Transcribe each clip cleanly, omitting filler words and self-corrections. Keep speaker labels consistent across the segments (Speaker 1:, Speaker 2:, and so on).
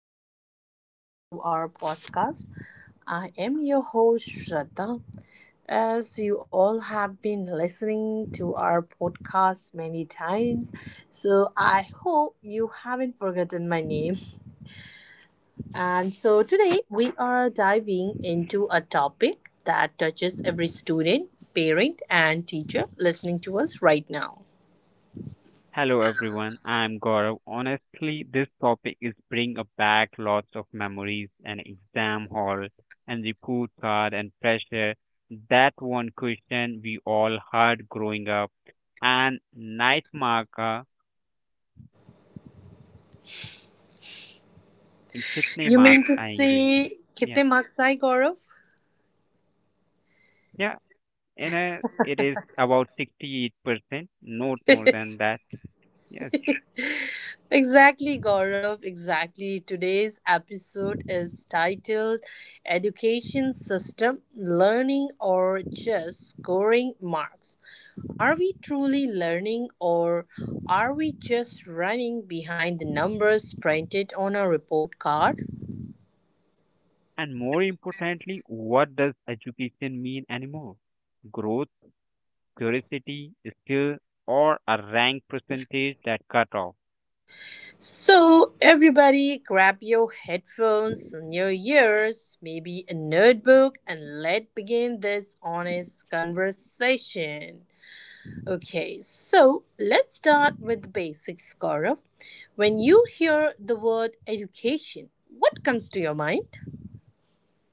Speaker 1: to welcome back to our podcast. I am your host Shraddha. As you all have been listening to our podcast many times, so I hope you haven't forgotten my name. And so today we are diving into a topic that touches every student, parent and teacher listening to us right now.
Speaker 2: Hello everyone, I'm Gaurav. Honestly, this topic is bring up back lots of memories and exam hall and report card and pressure. That one question we all heard growing up. And night marker in kitne
Speaker 1: You mean
Speaker 2: marks
Speaker 1: to
Speaker 2: aayenge?
Speaker 1: say
Speaker 2: Yeah,
Speaker 1: kitne marks I Gaurav?
Speaker 2: yeah. In a, it is about 68%, not more than that. Yes.
Speaker 1: Exactly, Gaurav. Exactly. Today's episode is titled Education System, Learning or Just Scoring Marks. Are we truly learning, or are we just running behind the numbers printed on a report card?
Speaker 2: And more importantly, what does education mean anymore? Growth curiosity, skill, or a rank percentage that cut off.
Speaker 1: So, everybody, grab your headphones and your ears, maybe a notebook, and let's begin this honest conversation. Okay, so let's start with the basics, Gaurav. When you hear the word education, what comes to your mind?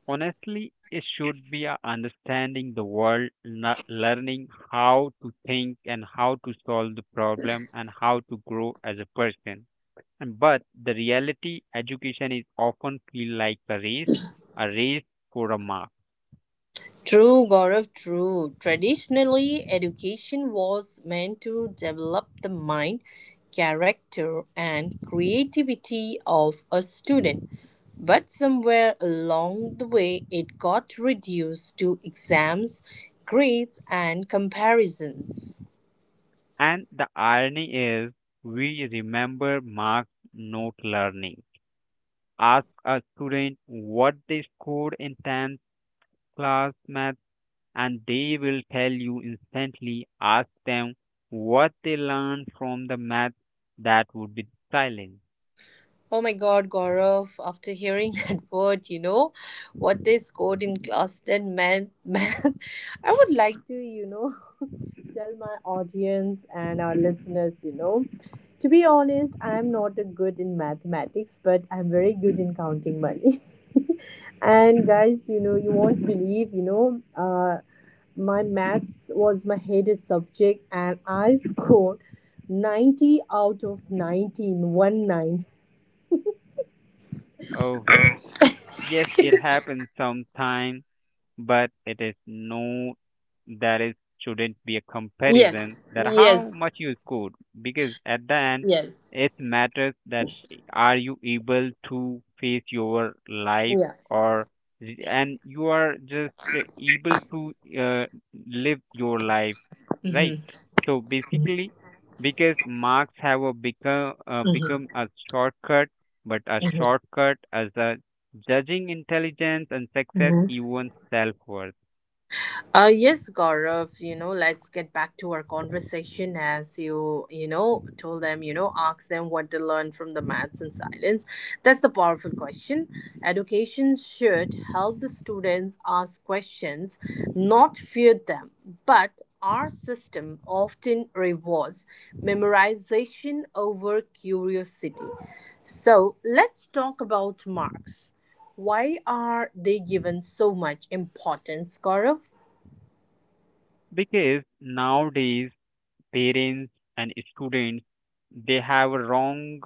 Speaker 2: Honestly, it should be a understanding the world, learning how to think and how to solve the problem and how to grow as a person. And but the reality, education is often feel like a race for a mark.
Speaker 1: True, Gaurav, true. Traditionally, education was meant to develop the mind, character, and creativity of a student. But somewhere along the way, it got reduced to exams, grades, and comparisons.
Speaker 2: And the irony is, we remember marks, not learning. Ask a student what they scored in 10th class math and they will tell you instantly. Ask them what they learned from the math that would be silent.
Speaker 1: Oh my God, Gaurav, after hearing that word, you know what this quote in class 10 meant, math. I would like to, tell my audience and our listeners, to be honest, I am not a good in mathematics, but I'm very good in counting money. And guys, you won't believe, my maths was my hated subject and I scored 90 out of 19 1 9.
Speaker 2: Oh, yes, it happens sometimes, but it is no, there is shouldn't be a comparison
Speaker 1: Yes.
Speaker 2: that how
Speaker 1: Yes.
Speaker 2: much you scored, because at the end
Speaker 1: Yes.
Speaker 2: it matters that are you able to face your life
Speaker 1: Yeah.
Speaker 2: or and you are just able to uh, live your life, right?
Speaker 1: Mm-hmm.
Speaker 2: So basically, because marks have a become
Speaker 1: Mm-hmm.
Speaker 2: a shortcut, but a
Speaker 1: Mm-hmm.
Speaker 2: shortcut as a judging intelligence and success,
Speaker 1: Mm-hmm.
Speaker 2: even self worth.
Speaker 1: Yes, Gaurav, let's get back to our conversation. As you, told them, ask them what they learned from the maths and silence. That's the powerful question. Education should help the students ask questions, not fear them. But our system often rewards memorization over curiosity. So let's talk about marks. Why are they given so much importance, Gaurav?
Speaker 2: Because nowadays, parents and students they have a wrong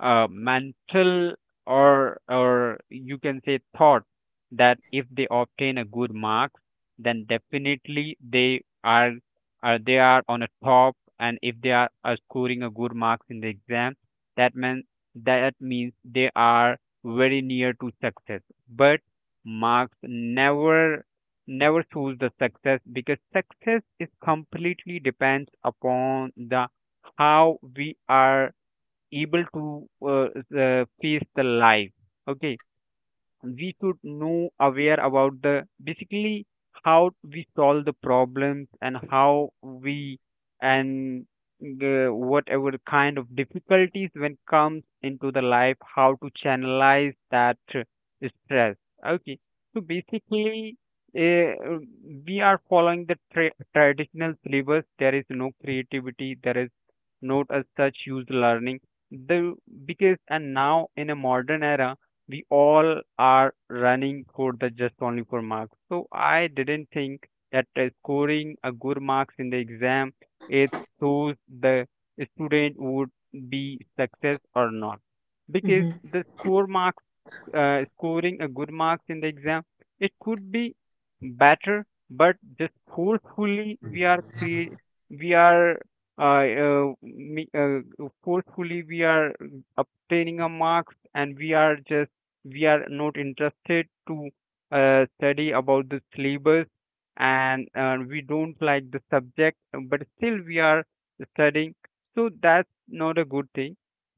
Speaker 2: mental or you can say thought that if they obtain a good mark, then definitely they are they are on a top, and if they are scoring a good marks in the exam, that means they are very near to success. But marks never choose the success, because success is completely depends upon the how we are able to face the life. Okay, we should know aware about the basically how we solve the problems and how we and the whatever kind of difficulties when comes into the life, how to channelize that stress. Okay, so basically, uh, we are following the traditional syllabus. There is no creativity, there is not as such used learning the because. And now in a modern era, we all are running for the just only for marks. So I didn't think that scoring a good marks in the exam, it shows the student would be success or not, because
Speaker 1: Hmm.
Speaker 2: the score marks scoring a good marks in the exam. It could be better, but just forcefully we are we are uh, uh, me- uh, forcefully we are obtaining a marks, and we are just we are not interested to study about the syllabus, and we don't like the subject, but still we are studying. So that's not a good thing,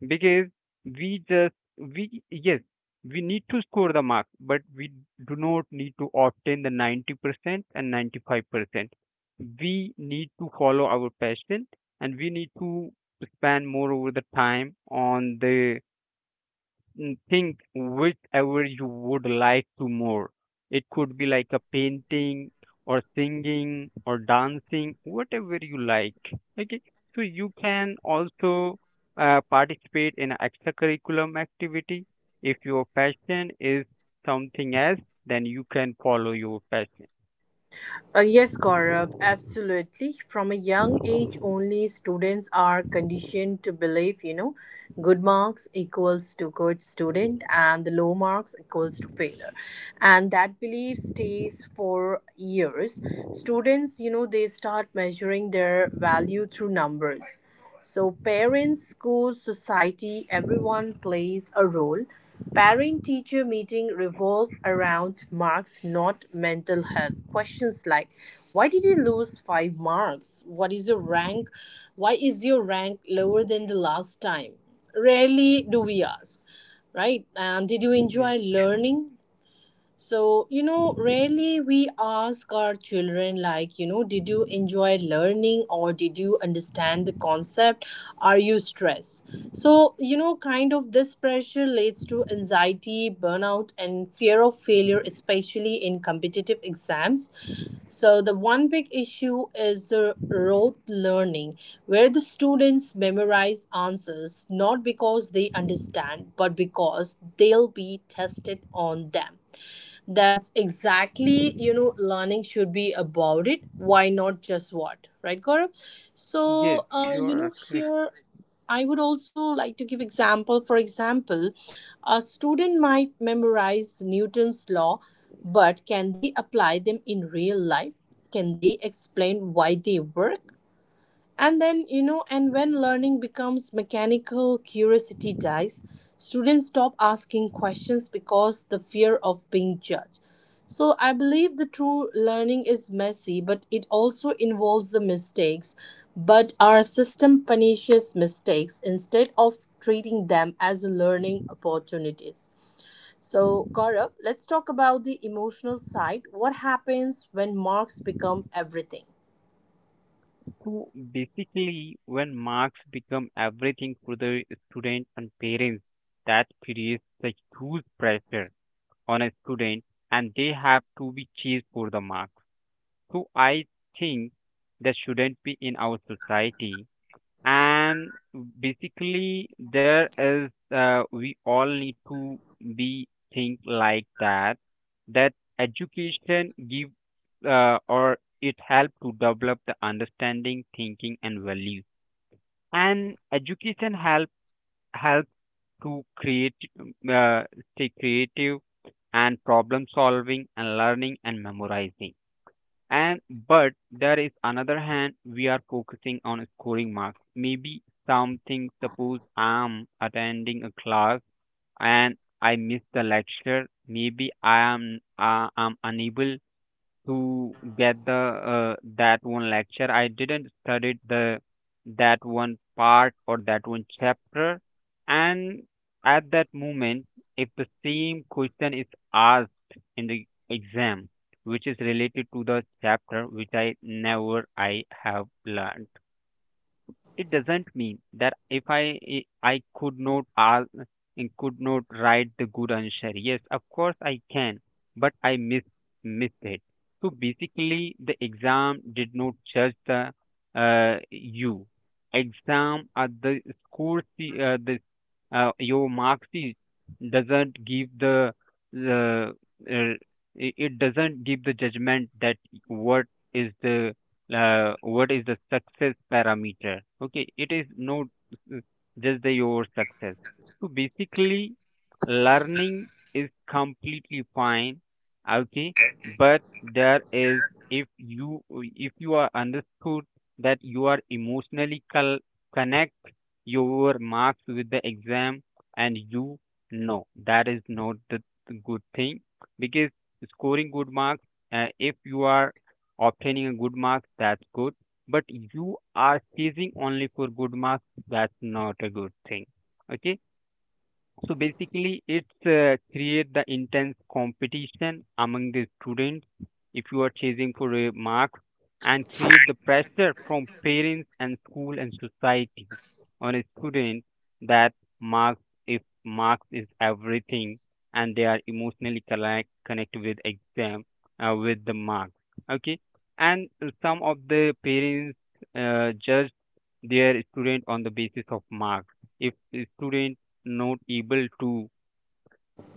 Speaker 2: because we just we yes we need to score the mark, but we do not need to obtain the 90% and 95%. We need to follow our passion, and we need to spend more over the time on the think whichever you would like to more. It could be like a painting or singing or dancing, whatever you like. Okay, so you can also participate in extracurriculum activity. If your passion is something else, then you can follow your passion.
Speaker 1: Yes, Gaurav, absolutely. From a young age, only students are conditioned to believe, good marks equals to good student and the low marks equals to failure. And that belief stays for years. Students, they start measuring their value through numbers. So, parents, schools, society, everyone plays a role. Parent teacher meeting revolve around marks, not mental health. Questions like why did you lose five marks? What is your rank? Why is your rank lower than the last time? Rarely do we ask, right? And did you
Speaker 2: Yes,
Speaker 1: enjoy learning? So, rarely we ask our children, like, did you enjoy learning or did you understand the concept? Are you stressed? So, kind of this pressure leads to anxiety, burnout, and fear of failure, especially in competitive exams. So, the one big issue is rote learning, where the students memorize answers not because they understand, but because they'll be tested on them. That's exactly, learning should be about it. Why not just what? Right, Gaurav?
Speaker 2: yes,
Speaker 1: So,
Speaker 2: you are correct.
Speaker 1: here I would also like to give example. For example, a student might memorize Newton's law, but can they apply them in real life? Can they explain why they work? And then, you know, and when learning becomes mechanical, curiosity dies. Students stop asking questions because the fear of being judged. So, I believe the true learning is messy, but it also involves the mistakes. But our system punishes mistakes instead of treating them as learning opportunities. So, Gaurav, let's talk about the emotional side. What happens when marks become everything?
Speaker 2: So basically, when marks become everything for the student and parents, that creates a huge pressure on a student, and they have to be chased for the marks. So I think that shouldn't be in our society, and basically there is we all need to be think like that that education give or it help to develop the understanding thinking and values, and education help to create stay creative and problem solving and learning and memorizing and but there is another hand we are focusing on scoring marks. Maybe something, suppose I'm attending a class and I miss the lecture. Maybe I am I'm unable to get the that one lecture. I didn't study the that one part or that one chapter. And at that moment, if the same question is asked in the exam, which is related to the chapter which I never I have learned, it doesn't mean that if I could not ask, could not write the good answer. Yes, of course I can, but I missed it. So basically, the exam did not judge the you. Exam at the the your mark sheet doesn't give the uh, it it doesn't give the judgment that what is the what is the success parameter. Okay, it is not uh, just the your success. So basically learning is completely fine. Okay, but there is if you if you are understood that you are emotionally connect your marks with the exam, and you know that is not the the good thing, because scoring good marks if you are obtaining a good mark, that's good. But you are chasing only for good marks, that's not a good thing. Okay. So basically, it's create the intense competition among the students if you are chasing for a mark, and create the pressure from parents and school and society on a student that marks, if marks is everything, and they are emotionally connect with exam with the marks. Okay, and some of the parents judge their student on the basis of marks. If the student not able to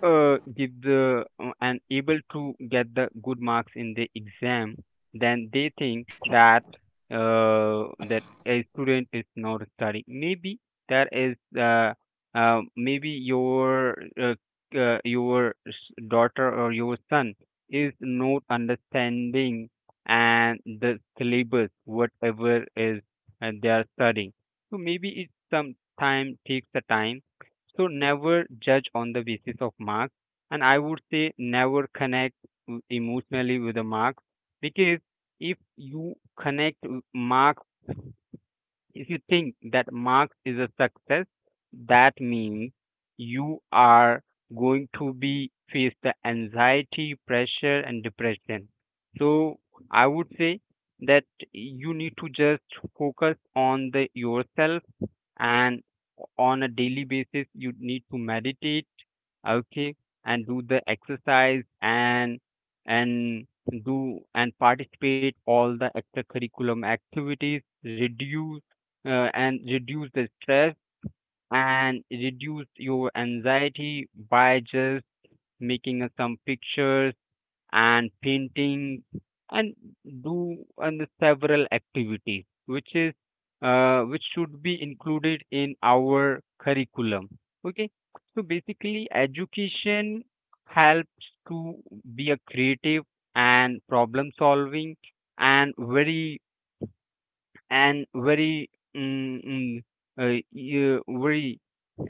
Speaker 2: give the and able to get the good marks in the exam, then they think that that a student is not studying. Maybe that is maybe uh, your daughter or your son is not understanding and the syllabus whatever is they are studying. So maybe it some time takes a time, so never judge on the basis of marks, and I would say never connect emotionally with the marks, because if you connect marks, if you think that marks is a success, that means you are going to be face the anxiety, pressure, and depression. So I would say that you need to just focus on the yourself, and on a daily basis you need to meditate. Okay, and do the exercise and do and participate all the extracurriculum activities reduce and reduce the stress and reduce your anxiety by just making some pictures and painting and do and several activities which is which should be included in our curriculum. Okay, so basically education helps to be a creative and problem solving and very and very mm, mm, you- very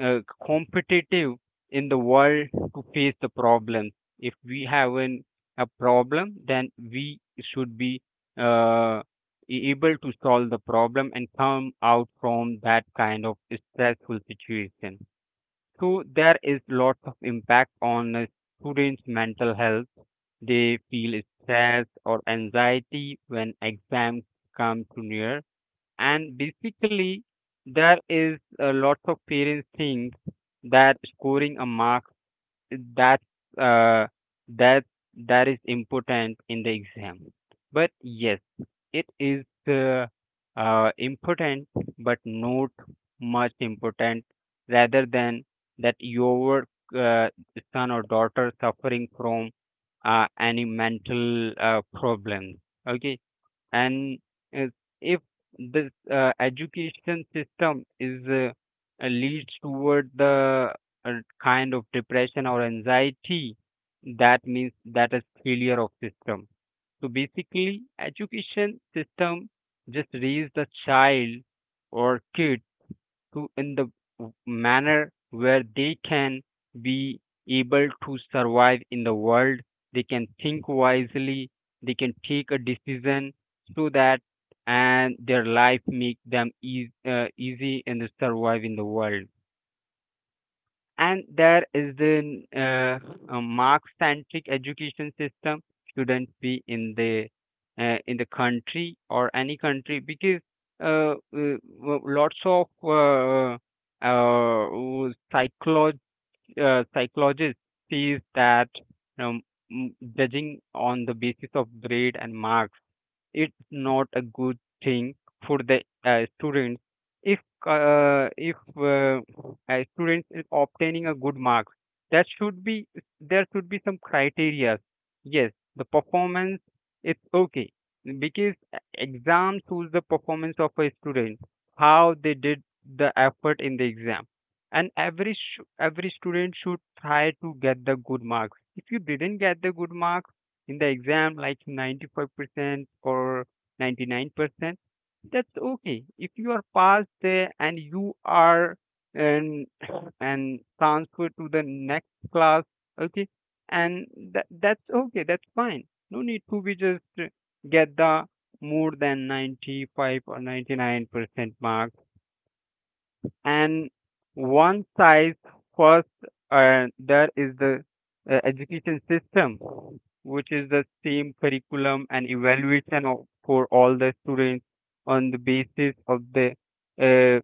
Speaker 2: uh, competitive in the world to face the problem. If we have an, a problem, then we should be uh, able to solve the problem and come out from that kind of stressful situation. So there is lots of impact on students' mental health. They feel stress or anxiety when exams come too near, and basically there is a lot of parents think that scoring a mark that uh, that that is important in the exam, but yes it is important, but not much important rather than that your uh, son or daughter suffering from any mental problem. Okay, and uh, if this education system is leads toward the uh, kind of depression or anxiety, that means that is failure of system. So basically education system just raise the child or kid to in the manner where they can be able to survive in the world, they can think wisely, they can take a decision, so that and their life make them easy and survive in the world. And there is the Marx-centric education system shouldn't be in the country or any country, because uh, uh, uh, lots of uh, uh, psycholog psychologists sees that um, judging on the basis of grade and marks, it's not a good thing for the students. If uh, if uh, a student is obtaining a good mark, that should be there should be some criteria. Yes, the performance is okay, because exam shows the performance of a student, how they did the effort in the exam, and every student should try to get the good marks. If you didn't get the good marks in the exam like 95% or 99%, that's okay. If you are passed there and you are and and transferred to the next class, okay, and that's okay, that's fine. No need to be just get the more than 95 or 99% mark and one size first. There is the education system, which is the same curriculum and evaluation of, for all the students on the basis of the uh,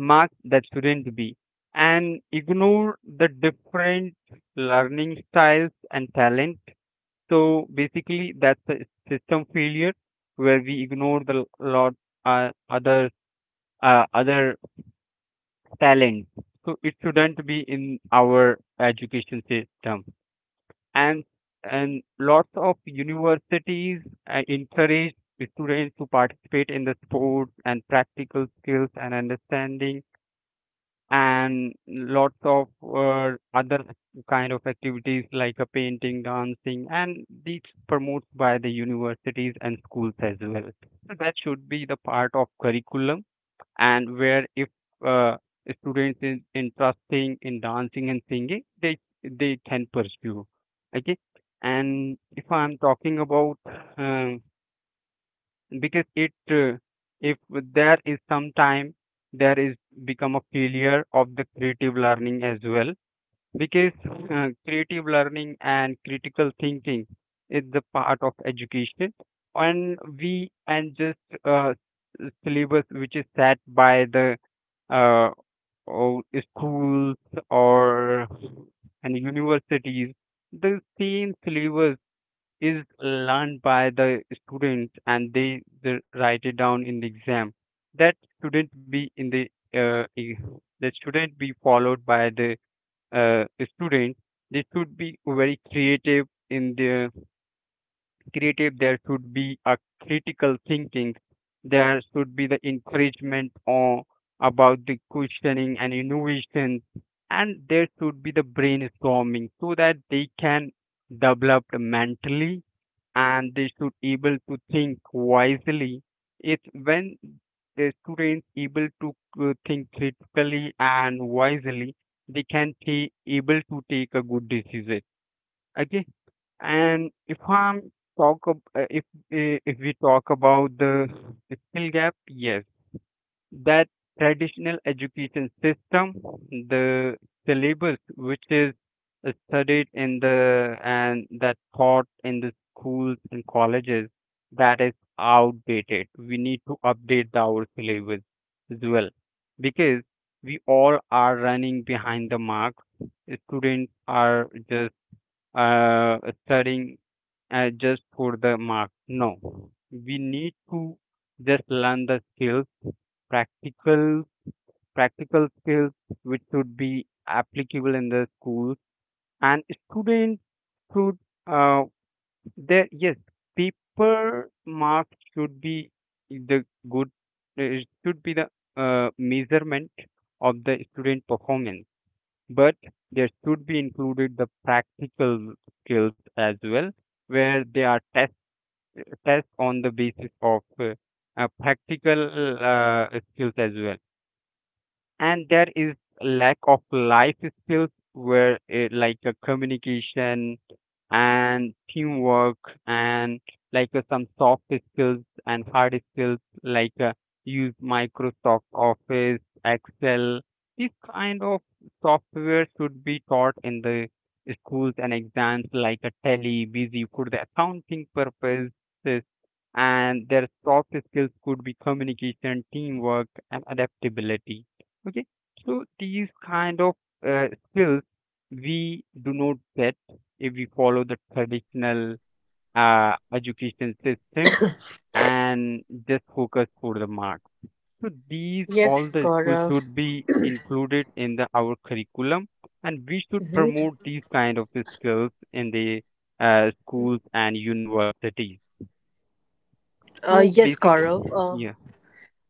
Speaker 2: marks. That shouldn't be, and ignore the different learning styles and talent. So basically, that's a system failure where we ignore the lot other other talent. So it shouldn't be in our education system. And and lots of universities encourage students to participate in the sports and practical skills and understanding, and lots of other kind of activities like a painting, dancing, and these promotes by the universities and schools as well. So that should be the part of curriculum, and where if uh, students is interesting in dancing and singing, they can pursue, okay. And if I'm talking about um, because it if there is some time there is become a failure of the creative learning as well, because creative learning and critical thinking is the part of education, and we and just uh, syllabus which is set by the uh, or schools or and universities, the same syllabus is learned by the students, and they write it down in the exam. That shouldn't be in the uh, e- that shouldn't be followed by the uh, students. They should be very creative in their creative. There should be a critical thinking, there should be the encouragement on about the questioning and innovation, and there should be the brainstorming, so that they can develop mentally, and they should able to think wisely. It's when the students able to think critically and wisely, they can be able to take a good decision, okay. And if I'm talk ab- uh, if if we talk about the skill gap, yes, that traditional education system, the syllabus which is studied in the and that taught in the schools and colleges, that is outdated. We need to update the, our syllabus as well, because we all are running behind the mark. Students are just uh, studying just for the mark. No, we need to just learn the skills, practical practical skills, which should be applicable in the school. And students should uh, there, yes, paper marks should be the good. It should be the measurement of the student performance, but there should be included the practical skills as well, where they are test on the basis of practical skills as well. And there is lack of life skills, where it, like a communication and teamwork, and like some soft skills and hard skills like use Microsoft Office Excel. This kind of software should be taught in the schools and exams, like a tele busy for the accounting purposes. And their soft skills could be communication, teamwork, and adaptability. Okay, so these kind of skills we do not get if we follow the traditional education system and just focus for the marks. So these
Speaker 1: Yes,
Speaker 2: all the schools
Speaker 1: Gaurav.
Speaker 2: should be included in the our curriculum, and we should
Speaker 1: Mhm.
Speaker 2: promote these kind of skills in the schools and universities. So
Speaker 1: Yes,
Speaker 2: basic,
Speaker 1: Gaurav.
Speaker 2: yeah,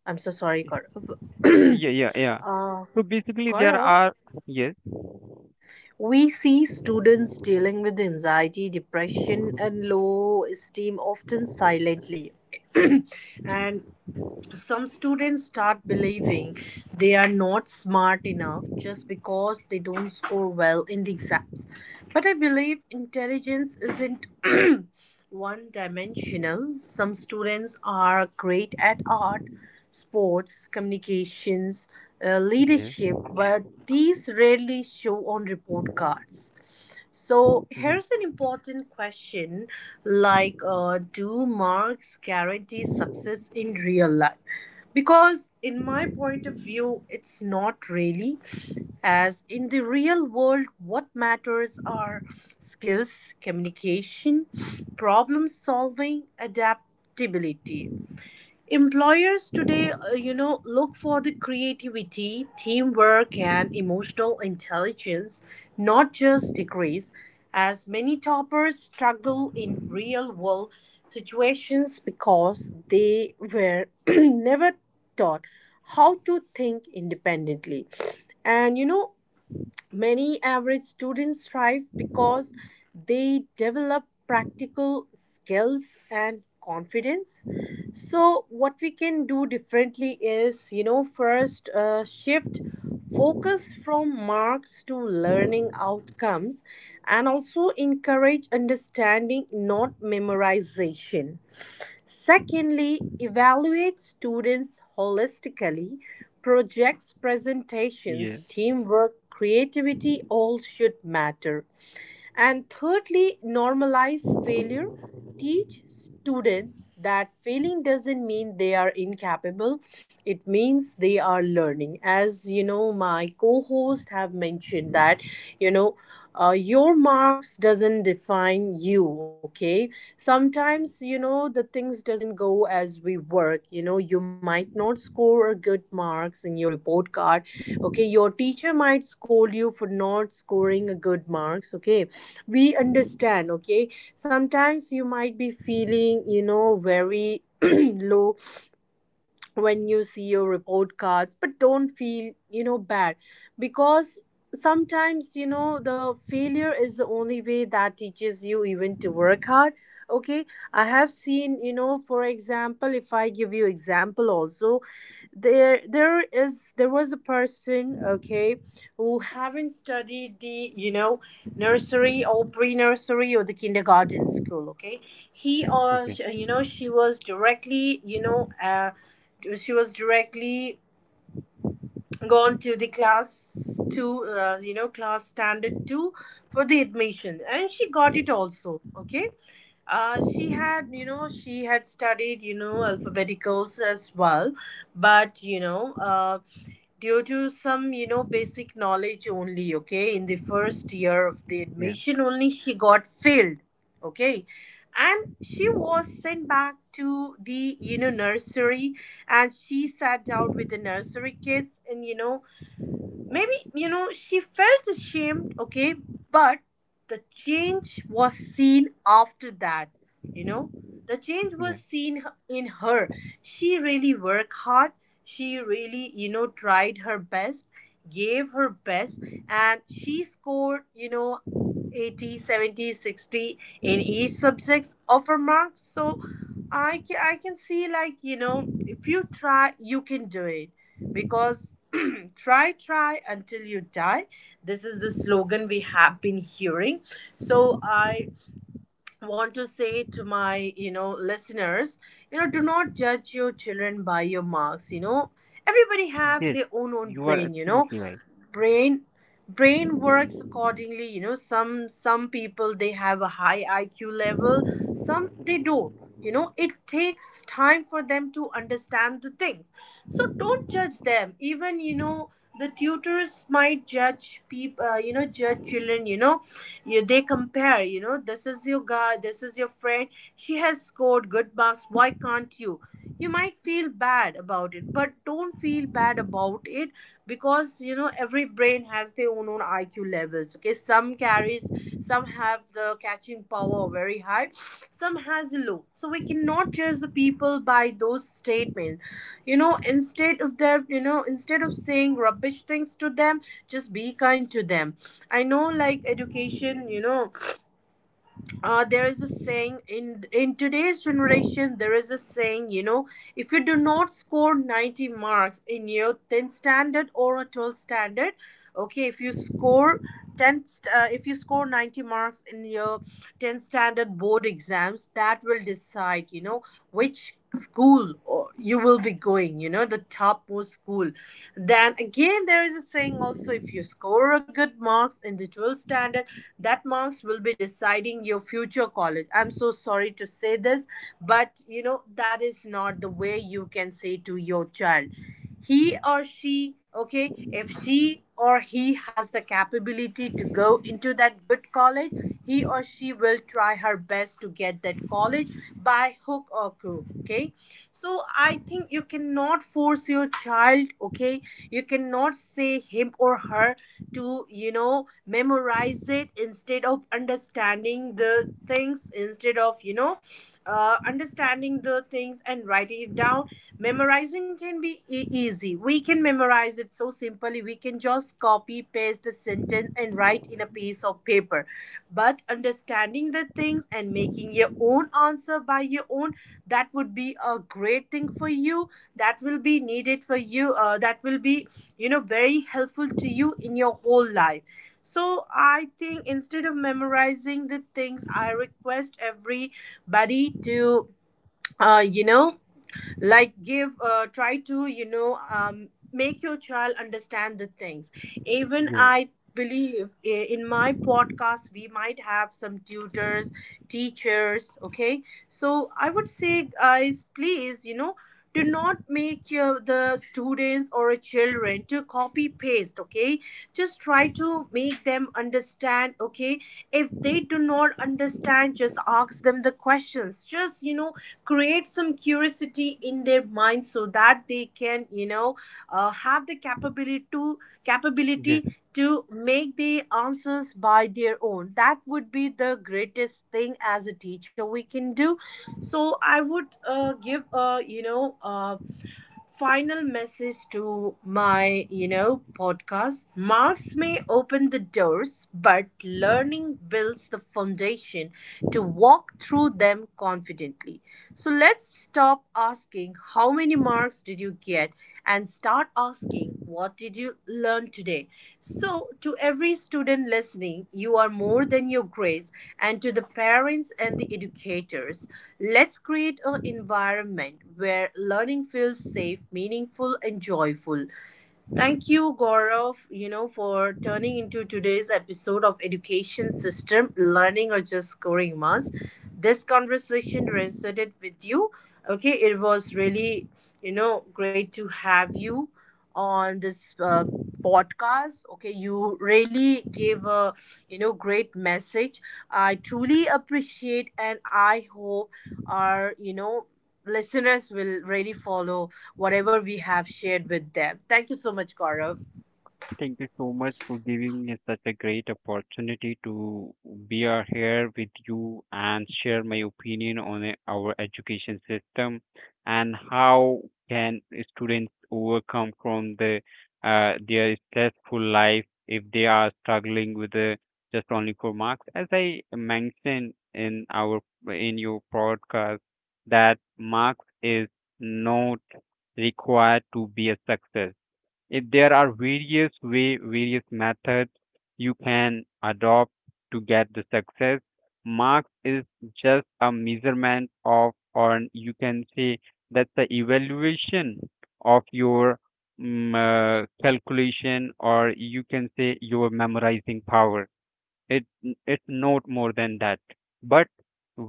Speaker 1: I'm so sorry, Gaurav.
Speaker 2: yeah, yeah, yeah.
Speaker 1: uh,
Speaker 2: So basically, there
Speaker 1: Gaurav,
Speaker 2: are yes,
Speaker 1: we see students dealing with anxiety, depression, and low esteem often silently. And some students start believing they are not smart enough just because they don't score well in the exams. But I believe intelligence isn't one dimensional. Some students are great at art, sports, communications,
Speaker 2: yes.
Speaker 1: leadership, but these rarely show on report cards. So here's an important question like, do marks guarantee success in real life? Because, in my point of view, it's not really. As in the real world, what matters are skills, communication, problem solving, adaptability. Employers today, look for the creativity, teamwork, and emotional intelligence, not just degrees, as many toppers struggle in real world situations because they were never taught how to think independently. And many average students thrive because they develop practical skills and confidence. So, what we can do differently is, first shift focus from marks to learning outcomes and also encourage understanding, not memorization. Secondly, evaluate students holistically. Projects,
Speaker 2: Yeah,
Speaker 1: presentations, teamwork, creativity all should matter. And thirdly, normalize failure. Teach students that failing doesn't mean they are incapable, it means they are learning. As you know, my co host have mentioned that, you know, your marks doesn't define you. Okay, sometimes the things doesn't go as we work. You know you might not score a good marks in your report card. Okay, your teacher might scold you for not scoring a good marks. Okay, we understand. Okay, sometimes you might be feeling very low when you see your report cards, but don't feel bad. Because sometimes the failure is the only way that teaches you even to work hard. Okay. I have seen, for example, if I give you example also, there was a person. Okay, who haven't studied the, nursery or pre-nursery or the kindergarten school. Okay, he or
Speaker 2: okay,
Speaker 1: sh- you know she was directly, she was directly gone to the class two, class standard 2 for the admission and she got it also. Okay, she had, she had studied, alphabeticals as well. But due to some, basic knowledge only. Okay, in the first year of the
Speaker 2: yeah,
Speaker 1: admission only she got failed. Okay, and she was sent back to the, nursery. And she sat down with the nursery kids, and, maybe, she felt ashamed. Okay, but the change was seen after that, you know. The change was
Speaker 2: yeah.
Speaker 1: seen in her. She really worked hard. She really, tried her best, gave her best, and she scored, 80, 70, 60 in each subjects of her marks. So I can see, like, if you try, you can do it. Because try, try until you die. This is the slogan we have been hearing. So I want to say to my, listeners, do not judge your children by your marks. You know, everybody
Speaker 2: Yes,
Speaker 1: have their own
Speaker 2: you
Speaker 1: own
Speaker 2: are
Speaker 1: brain. You
Speaker 2: absolutely
Speaker 1: know,
Speaker 2: right.
Speaker 1: brain brain works accordingly. Some people they have a high IQ level, some they don't. You know, it takes time for them to understand the thing. So don't judge them, even the tutors might judge people, you know, judge children. You know, you, they compare, you know, this is your guy, this is your friend. She has scored good marks, why can't you? You might feel bad about it, but don't feel bad about it. Because you know, every brain has their own IQ levels. Okay, some carries, some have the catching power very high, some has low. So we cannot judge the people by those statements. You know, instead of their, instead of saying rubbish things to them, just be kind to them. I know, like, education, there is a saying in today's generation. There is a saying, if you do not score 90 marks in your 10th standard or a 12th standard. Okay, if you score 10 st- uh, if you score 90 marks in your 10th standard board exams, that will decide, which school or you will be going, the topmost school. Then again, there is a saying also, if you score a good marks in the 12th standard, that marks will be deciding your future college. I'm so sorry to say this, but that is not the way you can say to your child. He or she, okay, if she or he has the capability to go into that good college, he or she will try her best to get that college by hook or crook. Okay, so I think you cannot force your child. Okay, you cannot say him or her to, memorize it instead of understanding the things, instead of, understanding the things and writing it down. Memorizing can be easy. We can memorize it so simply. We can just copy paste the sentence and write in a piece of paper, but understanding the things and making your own answer by your own, that would be a great thing for you. That will be needed for you, that will be, very helpful to you in your whole life. So I think instead of memorizing the things, I request everybody to, uh, you know like give, try to, make your child understand the things. Even
Speaker 2: Yeah,
Speaker 1: I believe, in my podcast we might have some tutors, teachers. Okay, so I would say guys, please, do not make your the students or a children to copy paste. Okay, just try to make them understand. Okay, if they do not understand, just ask them the questions. Just create some curiosity in their mind so that they can, have the capability to
Speaker 2: yeah.
Speaker 1: capability make the answers by their own. That would be the greatest thing as a teacher we can do. So I would, give a, final message to my, podcast. Marks may open the doors but learning builds the foundation to walk through them confidently. So let's stop asking how many marks did you get and start asking, "What did you learn today?" So, to every student listening, you are more than your grades, and to the parents and the educators, let's create an environment where learning feels safe, meaningful, and joyful. Thank you, Gaurav, for turning into today's episode of Education System, Learning or Just Scoring Marks. This conversation resonated with you. Okay, it was really, great to have you on this podcast. Okay, you really gave a, great message. I truly appreciate and I hope our, listeners will really follow whatever we have shared with them. Thank you so much, Gaurav.
Speaker 2: Thank you so much for giving me such a great opportunity to be out here with you and share my opinion on our education system, and how can students overcome from the their stressful life if they are struggling with the just only for marks. As I mentioned in our in your podcast that marks is not required to be a success. If there are various way, various methods you can adopt to get the success. Marks is just a measurement of, or you can say that's the evaluation of your mm, calculation, or you can say your memorizing power. it it not more than that. But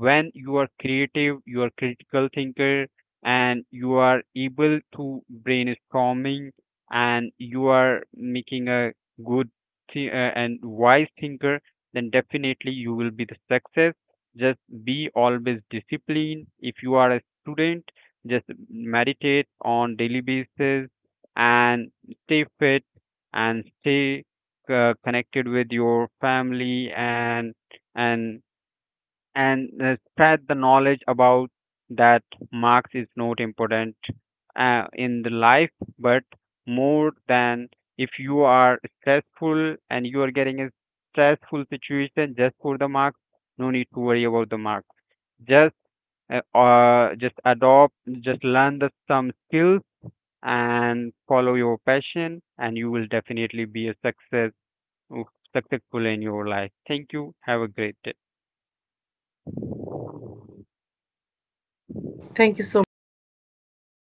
Speaker 2: when you are creative, you are critical thinker, and you are able to brainstorming, and you are making a good and wise thinker, then definitely you will be the success. Just be always disciplined. If you are a student, just meditate on daily basis, and stay fit, and stay connected with your family, and and spread the knowledge about that marks is not important in the life. But more than, if you are stressful and you are getting a stressful situation just for the marks, no need to worry about the marks. Just just adopt, just learn the some skills and follow your passion, and you will definitely be a successful in your life. Thank you. Have a great day.
Speaker 1: Thank you so much, Gaurav.